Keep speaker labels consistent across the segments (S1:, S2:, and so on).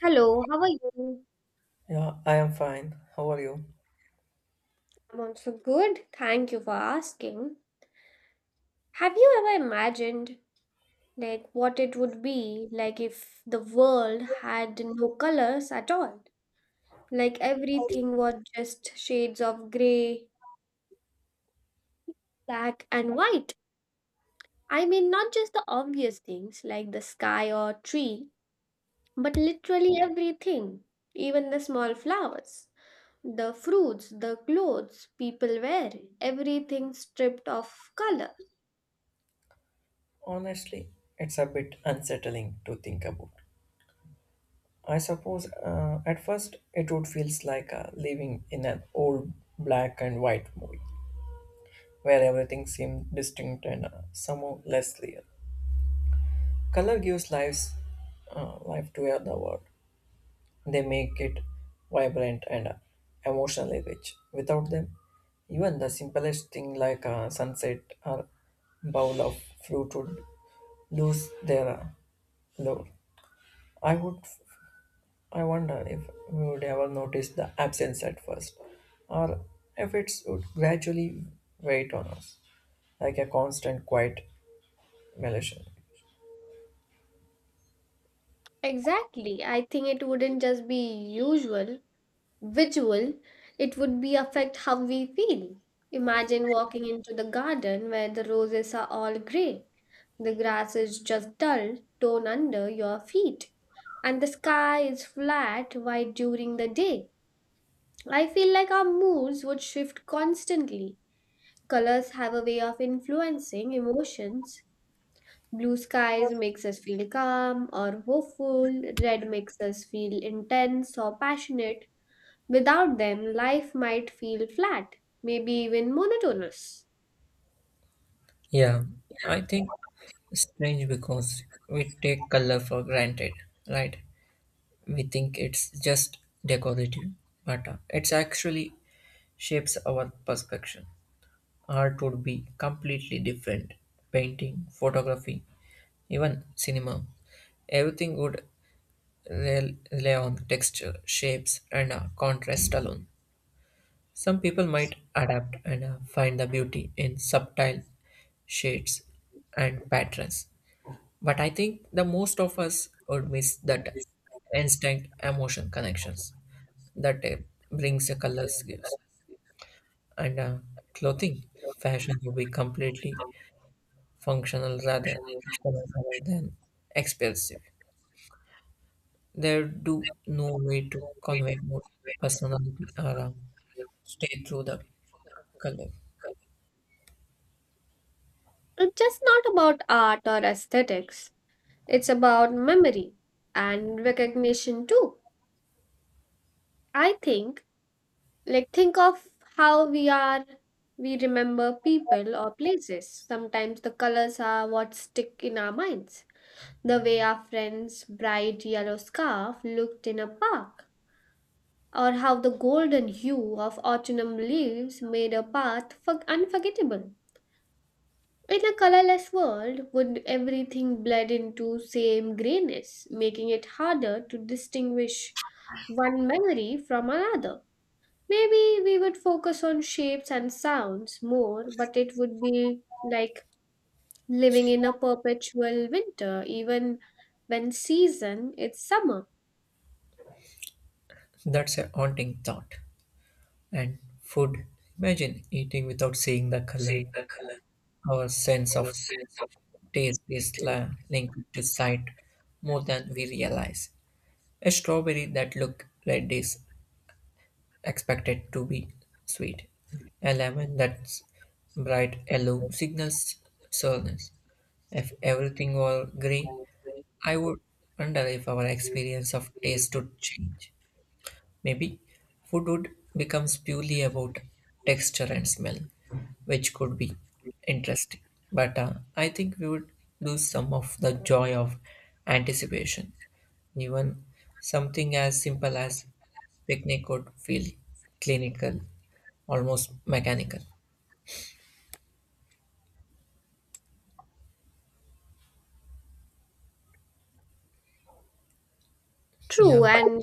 S1: Hello, how are you?
S2: Yeah, I am fine. How are you?
S1: I'm also good. Thank you for asking. Have you ever imagined like what it would be like if the world had no colors at all? Like everything was just shades of gray, black and white. I mean not just the obvious things like the sky or tree, but literally everything, even the small flowers. The fruits, the clothes people wear, everything stripped of color.
S2: Honestly, it's a bit unsettling to think about. I suppose at first it would feels like living in an old black and white movie where everything seemed distinct and somehow less real. Color gives lives life to the world. They make it vibrant and emotionally rich. Without them, even the simplest thing like a sunset or bowl of fruit would lose their Though I would, I wonder if we would ever notice the absence at first, or if it would gradually wait on us, like a constant quiet malation.
S1: Exactly. I think it wouldn't just be usual, visual, it would be affect how we feel. Imagine walking into the garden where the roses are all grey, the grass is just dull, tone under your feet, and the sky is flat white during the day. I feel like our moods would shift constantly. Colors have a way of influencing emotions. Blue skies makes us feel calm or hopeful. Red makes us feel intense or passionate. Without them, life might feel flat, maybe even monotonous.
S2: Yeah, I think strange because we take color for granted, right? We think it's just decorative, but it's actually shapes our perception. Art would be completely different. Painting, photography, even cinema, everything would rely on texture, shapes, and contrast alone. Some people might adapt and find the beauty in subtle shades and patterns, but I think the most of us would miss that instinct emotion connections that brings the colors gives. And clothing fashion will be completely functional rather than expensive. There do no way to convey more personality around stay through the color.
S1: It's just not about art or aesthetics. It's about memory and recognition too. I think, like, think of how we are, we remember people or places. Sometimes the colors are what stick in our minds. The way our friend's bright yellow scarf looked in a park, or how the golden hue of autumn leaves made a path for unforgettable. In a colorless world, would everything blend into same grayness, making it harder to distinguish one memory from another? Maybe we would focus on shapes and sounds more, but it would be like living in a perpetual winter, even when season is summer.
S2: That's a haunting thought. And food, imagine eating without seeing the color. Our sense of taste is linked to sight more than we realize. A strawberry that looks red is expected to be sweet. A lemon that's bright yellow signals sourness. If everything were grey, I would wonder if our experience of taste would change. Maybe food would becomes purely about texture and smell, which could be interesting. But I think we would lose some of the joy of anticipation. Even something as simple as picnic would feel clinical, almost mechanical.
S1: True,
S2: Yeah,
S1: and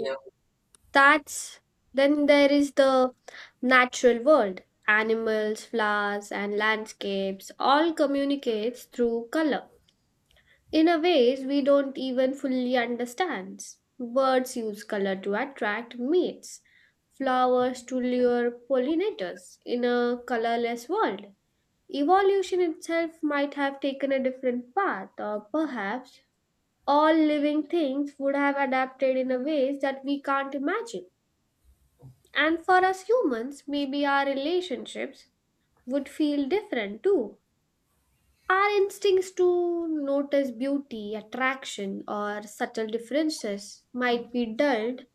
S1: that's then there is the natural world. Animals, flowers, and landscapes all communicates through color in a ways we don't even fully understand. Birds use color to attract mates, flowers to lure pollinators in a colorless world. Evolution itself might have taken a different path, or perhaps all living things would have adapted in a ways that we can't imagine. And for us humans, maybe our relationships would feel different too. Our instincts to notice beauty, attraction, or subtle differences might be dulled.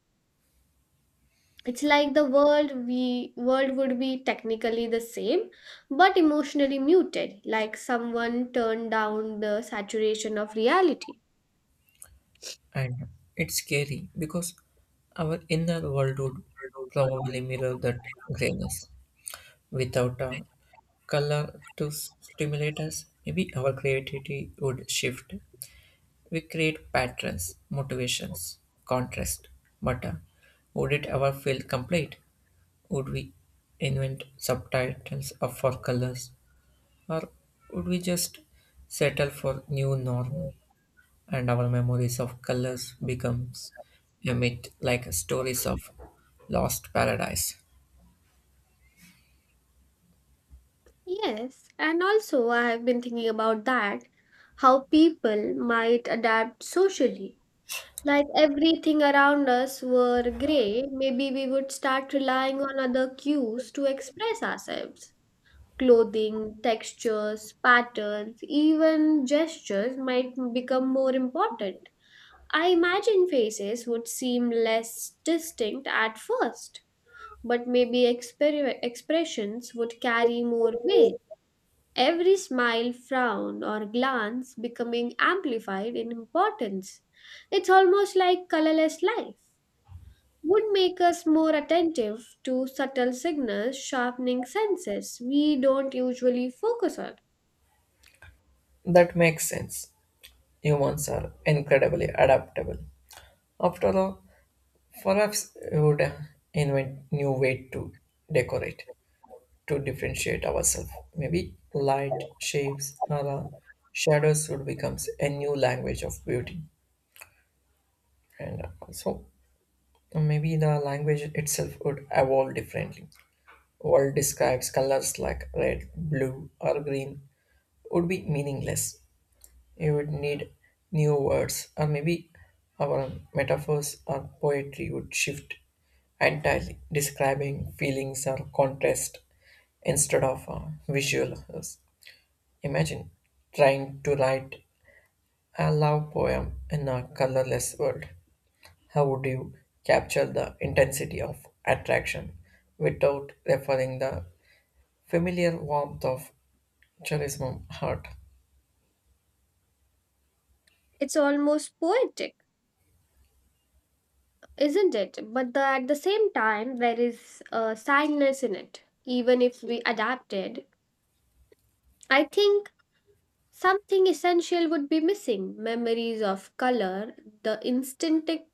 S1: It's like the world we world would be technically the same, but emotionally muted, like someone turned down the saturation of reality.
S2: and it's scary because our inner world would probably mirror that grayness. Without a color to stimulate us, maybe our creativity would shift. We create patterns, motivations, contrast. But would it ever feel complete? Would we invent subtitles of for colors? Or would we just settle for new normal and our memories of colors becomes a myth like stories of lost paradise?
S1: Yes, and also I have been thinking about that, how people might adapt socially like everything around us were gray, maybe we would start relying on other cues to express ourselves. Clothing, textures, patterns, even gestures might become more important. I imagine faces would seem less distinct at first, but maybe expressions would carry more weight. Every smile, frown, or glance becoming amplified in importance. It's almost like colorless life would make us more attentive to subtle signals, sharpening senses we don't usually focus on.
S2: That makes sense. Humans are incredibly adaptable. After all, perhaps we would invent new way to decorate, to differentiate ourselves. Maybe light, shapes, or shadows would become a new language of beauty. And also, maybe the language itself would evolve differently. World describes colors like red, blue, or green would be meaningless. You would need new words, or maybe our metaphors or poetry would shift entirely, describing feelings or contrast instead of visuals. Imagine trying to write a love poem in a colorless world. How would you capture the intensity of attraction without referring the familiar warmth of charisma heart?
S1: It's almost poetic, isn't it? But at the same time, there is a sadness in it, even if we adapted. I think something essential would be missing memories of color, the instinctive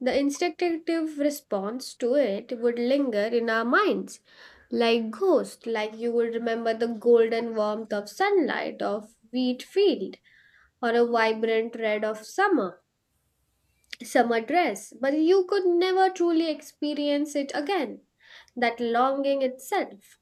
S1: The instinctive response to it would linger in our minds like ghosts, like you would remember the golden warmth of sunlight, of wheat field, or a vibrant red of summer dress, but you could never truly experience it again. That longing itself,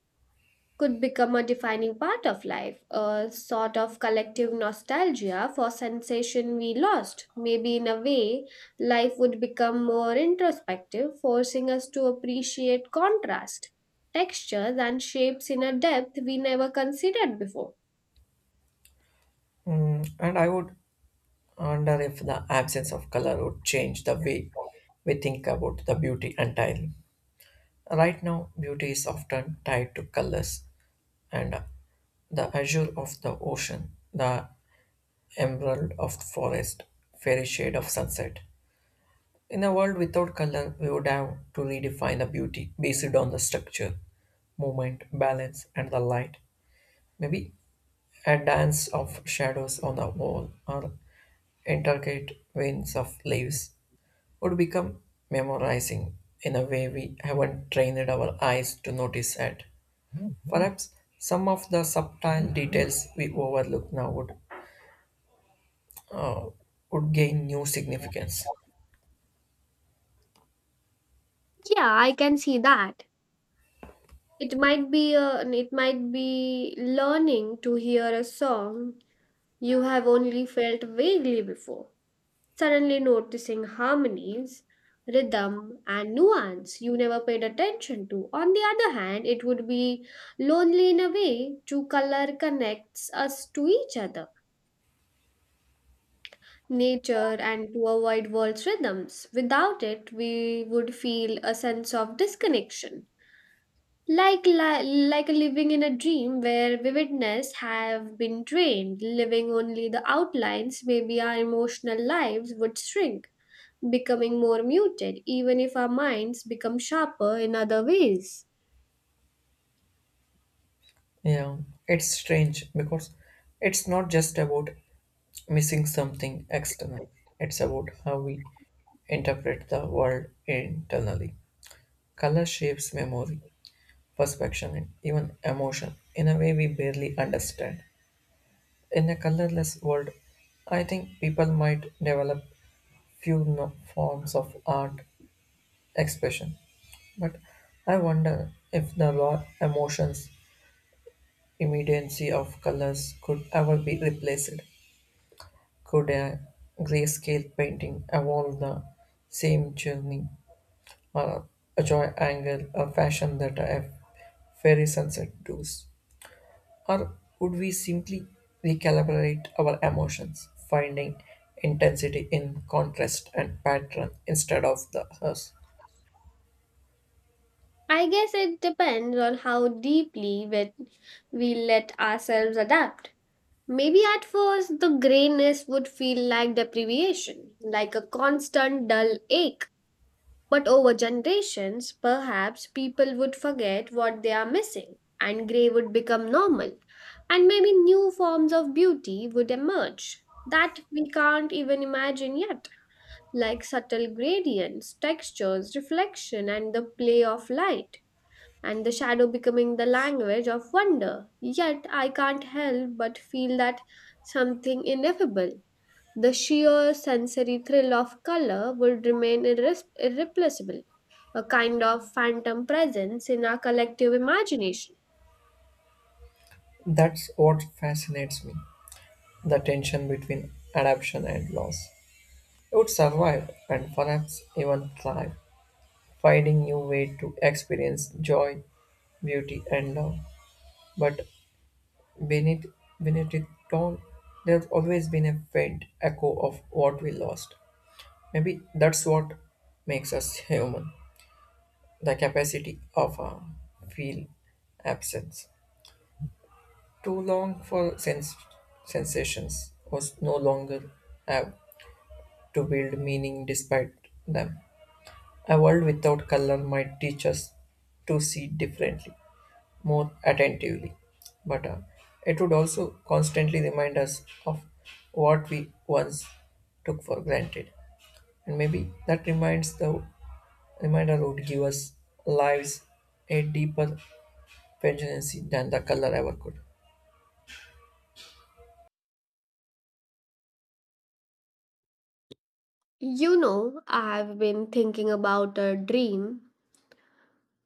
S1: could become a defining part of life, a sort of collective nostalgia for sensation we lost. Maybe in a way, life would become more introspective, forcing us to appreciate contrast, textures, and shapes in a depth we never considered before.
S2: Mm, and I wonder if the absence of color would change the way we think about the beauty entirely. Right now, beauty is often tied to colors and the azure of the ocean, the emerald of the forest, fairy shade of sunset. In a world without color, we would have to redefine the beauty based on the structure, movement, balance, and the light. Maybe a dance of shadows on the wall or intricate veins of leaves would become memorizing in a way we haven't trained our eyes to notice yet. Perhaps some of the subtle details we overlook now uh, would gain new significance.
S1: Yeah, I can see that. It might be learning to hear a song you have only felt vaguely before suddenly noticing harmonies, rhythm, and nuance you never paid attention to. On the other hand, it would be lonely in a way to color connects us to each other, nature, and to a wide world's rhythms. Without it, we would feel a sense of disconnection. Like, li- like living in a dream where vividness have been drained, living only the outlines, maybe our emotional lives would shrink, becoming more muted, even if our minds become sharper in other ways.
S2: Yeah, it's strange because it's not just about missing something external. It's about how we interpret the world internally. Color shapes memory, perception, and even emotion in a way we barely understand. In a colorless world, I think people might develop few forms of art expression, but I wonder if the raw emotions, immediacy of colors could ever be replaced. Could a grayscale painting evolve the same journey, or a joy angle, a fashion that a fairy sunset does? Or would we simply recalibrate our emotions, finding intensity in contrast and pattern instead of the us?
S1: I guess it depends on how deeply we let ourselves adapt. Maybe at first the grayness would feel like deprivation, like a constant dull ache. But over generations, perhaps people would forget what they are missing, and grey would become normal, and maybe new forms of beauty would emerge that we can't even imagine yet, like subtle gradients, textures, reflection, and the play of light, and the shadow becoming the language of wonder. Yet I can't help but feel that something ineffable. The sheer sensory thrill of color would remain irreplaceable, a kind of phantom presence in our collective imagination.
S2: That's what fascinates me the tension between adaptation and loss. It would survive and perhaps even thrive, finding new way to experience joy, beauty, and love. But beneath, beneath it all, there's always been a faint echo of what we lost. Maybe that's what makes us human, the capacity of a feel absence. Too long for sensations was no longer have to build meaning despite them. A world without color might teach us to see differently, more attentively, but it would also constantly remind us of what we once took for granted. And maybe that reminds the reminder would give us lives a deeper vengeance than the color ever could.
S1: You know, I've been thinking about a dream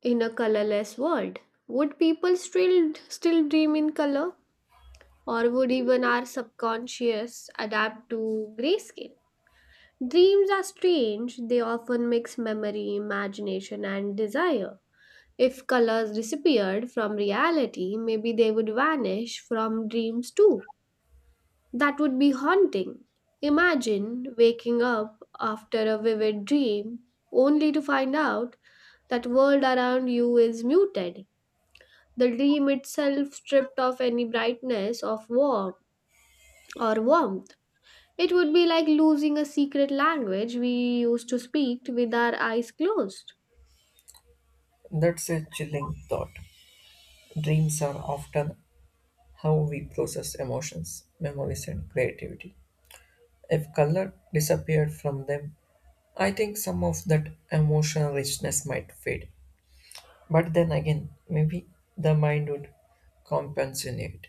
S1: in a colorless world. Would people still dream in color? Or would even our subconscious adapt to grayscale? Dreams are strange, they often mix memory, imagination, and desire. If colors disappeared from reality, maybe they would vanish from dreams too. That would be haunting. Imagine waking up after a vivid dream only to find out that world around you is muted. The dream itself stripped of any brightness of warmth. It would be like losing a secret language we used to speak with our eyes closed.
S2: That's a chilling thought. Dreams are often how we process emotions, memories, and creativity. If color disappeared from them, I think some of that emotional richness might fade. But then again, maybe the mind would compensate it.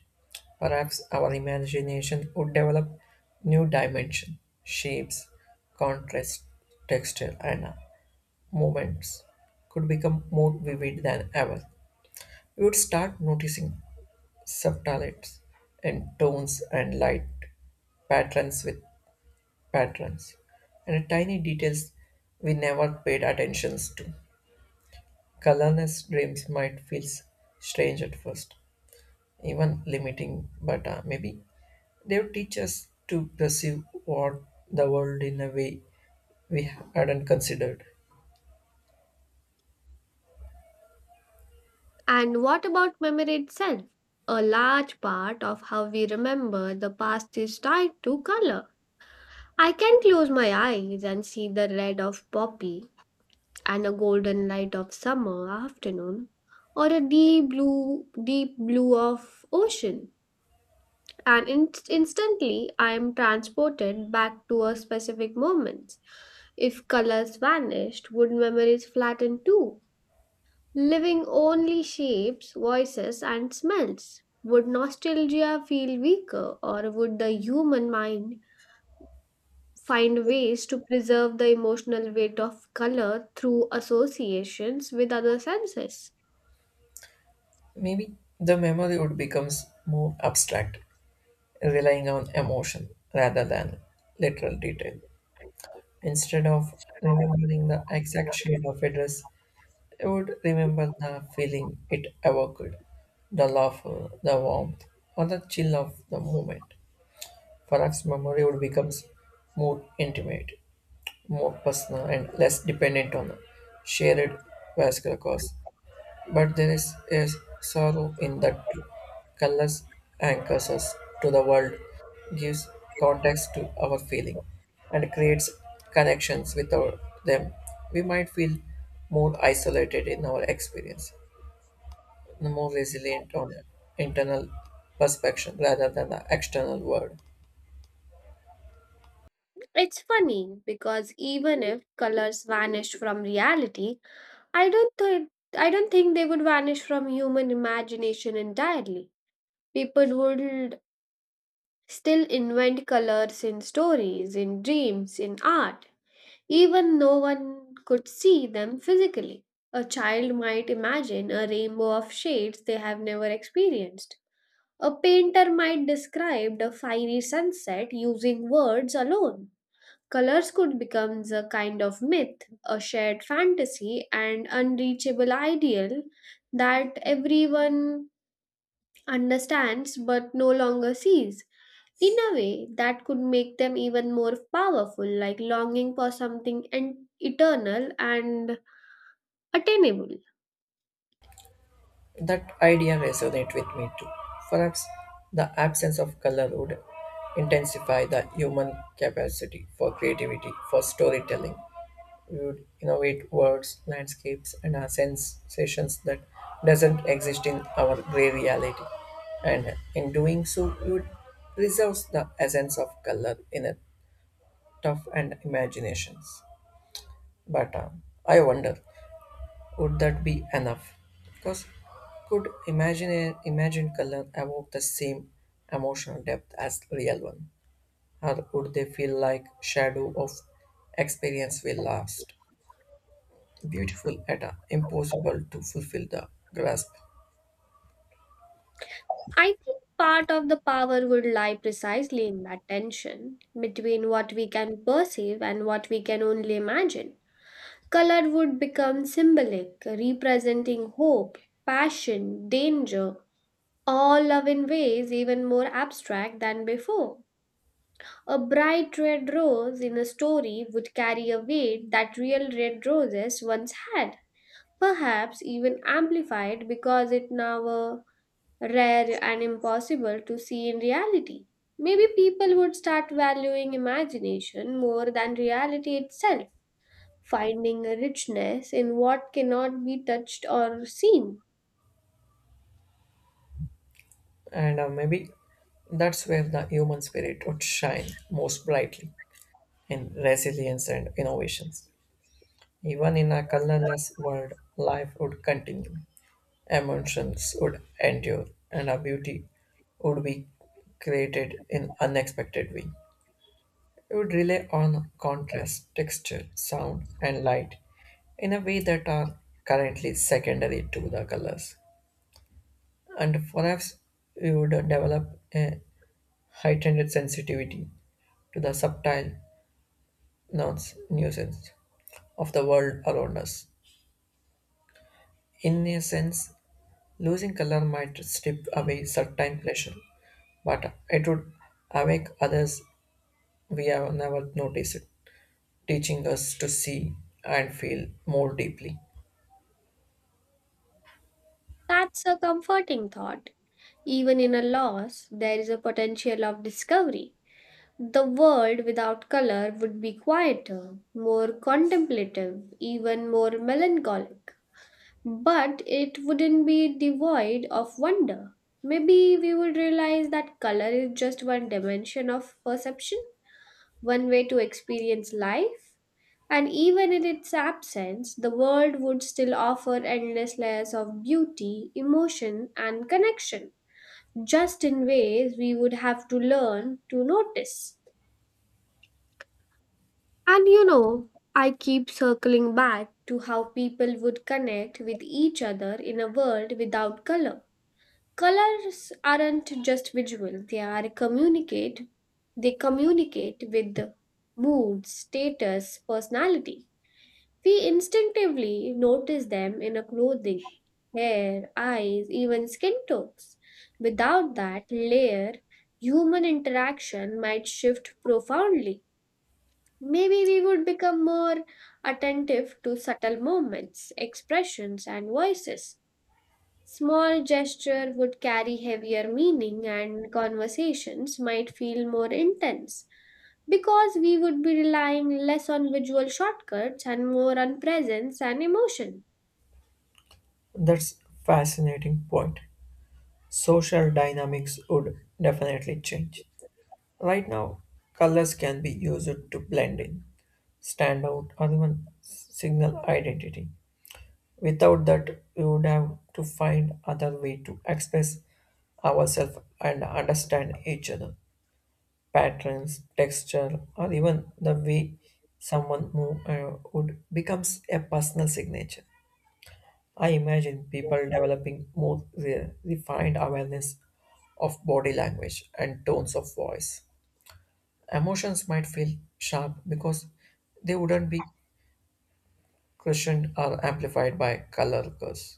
S2: Perhaps our imagination would develop new dimension, shapes, contrast, texture, and moments could become more vivid than ever. You would start noticing subtleties and tones and light patterns with patterns and tiny details we never paid attentions to. Colorless dreams might feel strange at first, even limiting, but maybe they would teach us to perceive what the world in a way we hadn't considered.
S1: And what about memory itself? A large part of how we remember the past is tied to color. I can close my eyes and see the red of poppy and a golden light of summer afternoon or a deep blue of ocean and instantly I am transported back to a specific moment. If colors vanished, would memories flatten too? Living only shapes, voices, and smells. Would nostalgia feel weaker, or would the human mind find ways to preserve the emotional weight of color through associations with other senses?
S2: Maybe the memory would become more abstract, relying on emotion rather than literal detail. Instead of remembering the exact shade of a dress, I would remember the feeling it evoked, the laughter, the warmth, or the chill of the moment. Farah's memory would become more intimate, more personal, and less dependent on shared vascular cause. But there is a sorrow in that too. Colors anchors us to the world, gives context to our feeling, and creates connections with our, them. We might feel more isolated in our experience, more resilient on internal perception rather than the external world.
S1: It's funny because even if colors vanished from reality, I don't think I don't think they would vanish from human imagination entirely. People would still invent colors in stories, in dreams, in art, even no one could see them physically. A child might imagine a rainbow of shades they have never experienced. A painter might describe a fiery sunset using words alone. Colors could become a kind of myth, a shared fantasy, and unreachable ideal that everyone understands but no longer sees. In a way, that could make them even more powerful, like longing for something and eternal and attainable.
S2: That idea resonates with me too. Perhaps the absence of color would intensify the human capacity for creativity, for storytelling, you'd innovate words, landscapes, and sensations that doesn't exist in our gray reality. And in doing so, you'd preserve the essence of color in a tough and imaginations. But I wonder, would that be enough? Because could imagine color evoke the same emotional depth as real one, or would they feel like shadow of experience will last? Beautiful yet impossible to fulfill the grasp.
S1: I think part of the power would lie precisely in that tension between what we can perceive and what we can only imagine. Color would become symbolic, representing hope, passion, danger, all love in ways even more abstract than before. A bright red rose in a story would carry a weight that real red roses once had, perhaps even amplified because it now were rare and impossible to see in reality. Maybe people would start valuing imagination more than reality itself, finding a richness in what cannot be touched or seen.
S2: And maybe that's where the human spirit would shine most brightly in resilience and innovations. Even in a colorless world, life would continue, emotions would endure, and our beauty would be created in unexpected way. It would rely on contrast, texture, sound, and light in a way that are currently secondary to the colors. And perhaps we would develop a heightened sensitivity to the subtle nuisance of the world around us. In a sense, losing color might strip away certain pleasure, but it would awake others we have never noticed, teaching us to see and feel more deeply.
S1: That's a comforting thought. Even in a loss, there is a potential of discovery. The world without color would be quieter, more contemplative, even more melancholic. But it wouldn't be devoid of wonder. Maybe we would realize that color is just one dimension of perception, one way to experience life. And even in its absence, the world would still offer endless layers of beauty, emotion, and connection, just in ways we would have to learn to notice. And you know, I keep circling back to how people would connect with each other in a world without color. Colors aren't just visual, they communicate with the mood, status, personality. We instinctively notice them in a clothing, hair, eyes, even skin tones. Without that layer, human interaction might shift profoundly. Maybe we would become more attentive to subtle movements, expressions, and voices. Small gesture would carry heavier meaning, and conversations might feel more intense because we would be relying less on visual shortcuts and more on presence and emotion.
S2: That's fascinating point. Social dynamics would definitely change. Right now, colors can be used to blend in, stand out, or even signal identity. Without that, we would have to find other way to express ourselves and understand each other. Patterns, texture, or even the way someone move would becomes a personal signature. I imagine people developing more refined awareness of body language and tones of voice. Emotions might feel sharp because they wouldn't be cushioned or amplified by color curves,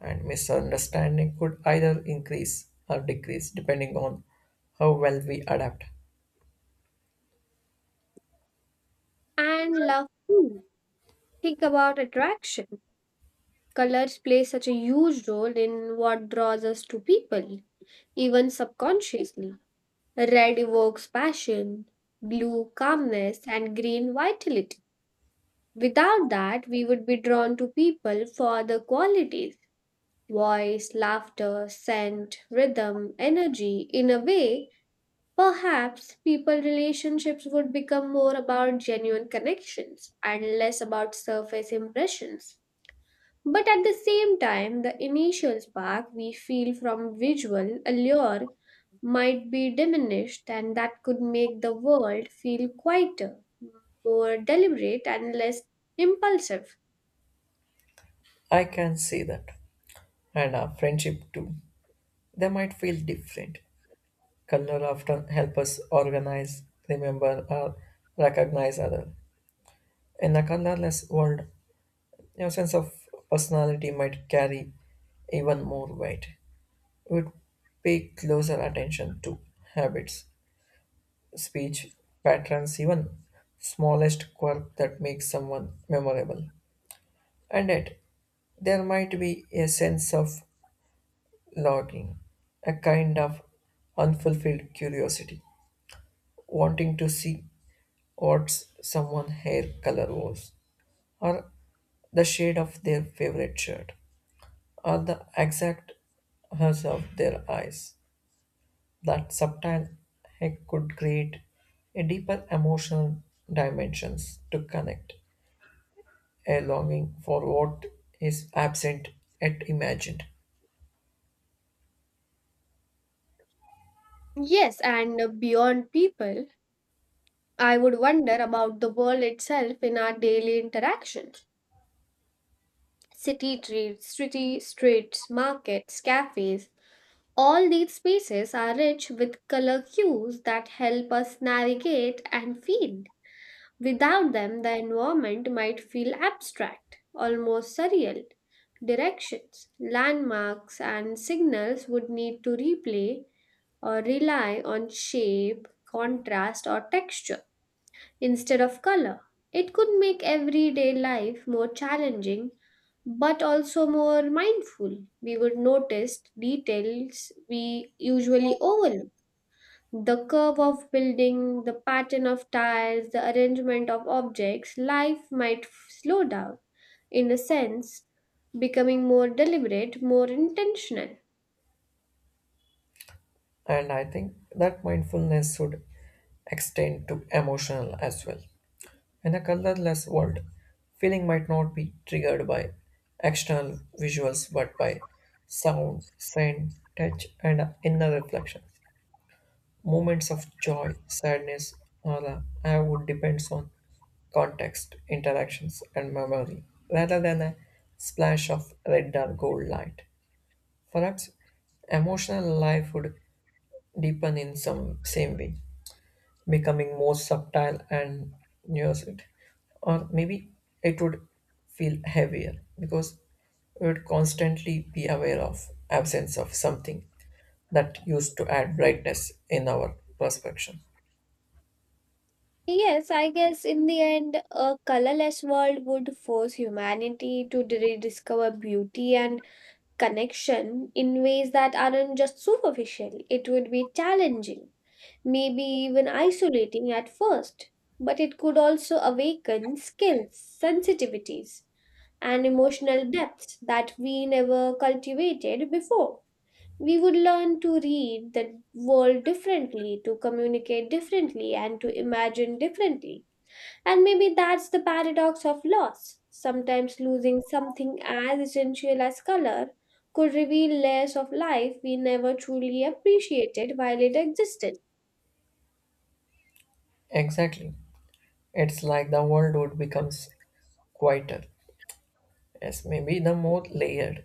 S2: and misunderstanding could either increase or decrease depending on how well we adapt.
S1: And love, too. Think about attraction. Colors play such a huge role in what draws us to people, even subconsciously. Red evokes passion, blue calmness, and green vitality. Without that, we would be drawn to people for the qualities voice, laughter, scent, rhythm, energy. In a way, perhaps people relationships would become more about genuine connections and less about surface impressions. But at the same time, the initial spark we feel from visual allure might be diminished, and that could make the world feel quieter, more deliberate, and less impulsive.
S2: I can see that, and our friendship too. They might feel different. Color often help us organize, remember, or recognize other. In a colorless world, your sense of personality might carry even more weight. Would pay closer attention to habits, speech patterns, even smallest quirk that makes someone memorable. And yet, there might be a sense of longing, a kind of unfulfilled curiosity, wanting to see what someone's hair color was, or the shade of their favorite shirt, or the exact hues of their eyes. That subtle hack could create a deeper emotional dimensions to connect a longing for what is absent yet imagined.
S1: Yes, and beyond people, I would wonder about the world itself in our daily interactions. City streets, markets, cafes. All these spaces are rich with color cues that help us navigate and feel. Without them, the environment might feel abstract, almost surreal. Directions, landmarks, and signals would need to replay or rely on shape, contrast, or texture instead of color. It could make everyday life more challenging but also more mindful. We would notice details we usually overlook. The curve of building, the pattern of tiles, the arrangement of objects, life might slow down, in a sense, becoming more deliberate, more intentional.
S2: And I think that mindfulness should extend to emotional as well. In a colorless world feeling might not be triggered by external visuals but by sound scent touch and inner reflections moments of joy sadness or I would depends on context, interactions, and memory, rather than a splash of red or gold light. Perhaps emotional life would deepen in some same way, becoming more subtle and nuanced, or maybe it would feel heavier because we would constantly be aware of absence of something that used to add brightness in our perception.
S1: Yes, I guess in the end, a colorless world would force humanity to rediscover beauty and connection in ways that aren't just superficial. It would be challenging, maybe even isolating at first, but it could also awaken skills, sensitivities, and emotional depths that we never cultivated before. We would learn to read the world differently, to communicate differently, and to imagine differently. And maybe that's the paradox of loss. Sometimes losing something as essential as color could reveal layers of life we never truly appreciated while it existed.
S2: Exactly. It's like the world would becomes quieter, yes, maybe the more layered,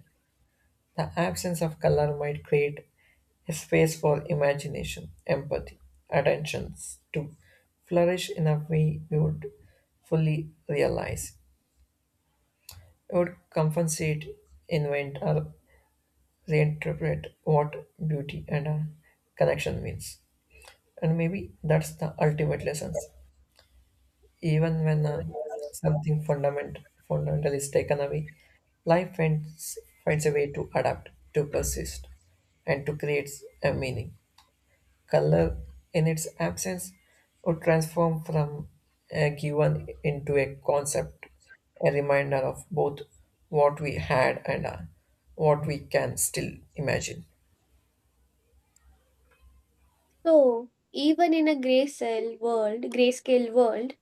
S2: the absence of color might create a space for imagination, empathy, attentions to flourish in a way we would fully realize. We would compensate, invent, or reinterpret what beauty and a connection means. And maybe that's the ultimate lesson. Even when something fundamental is taken away, life finds, finds a way to adapt, to persist, and to create a meaning. Color, in its absence, would transform from a given into a concept, a reminder of both what we had and what we can still imagine.
S1: So, even in a grayscale world,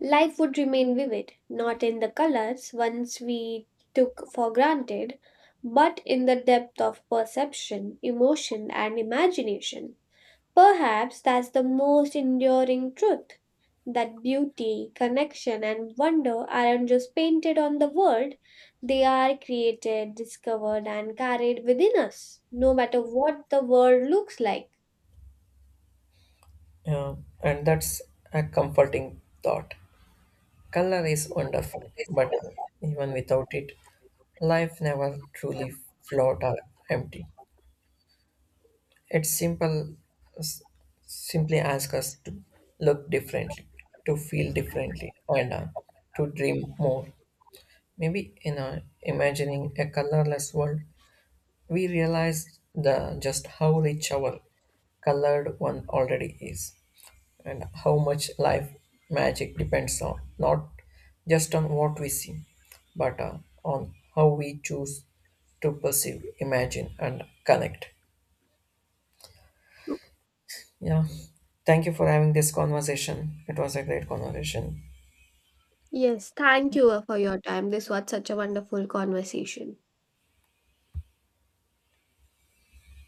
S1: life would remain vivid, not in the colors once we took for granted, but in the depth of perception, emotion, and imagination. Perhaps that's the most enduring truth that beauty, connection, and wonder aren't just painted on the world, they are created, discovered, and carried within us, no matter what the world looks like.
S2: Yeah, and that's a comforting thought. Color is wonderful, but even without it, life never truly float or empty. It's simple, s- Simply ask us to look differently, to feel differently, and to dream more. Maybe in a imagining a colorless world, we realize the just how rich our colored one already is. And how much life magic depends on not just on what we see, but on how we choose to perceive, imagine, and connect. Yeah. Thank you for having this conversation. It was a great conversation.
S1: Yes, thank you for your time. This was such a wonderful conversation.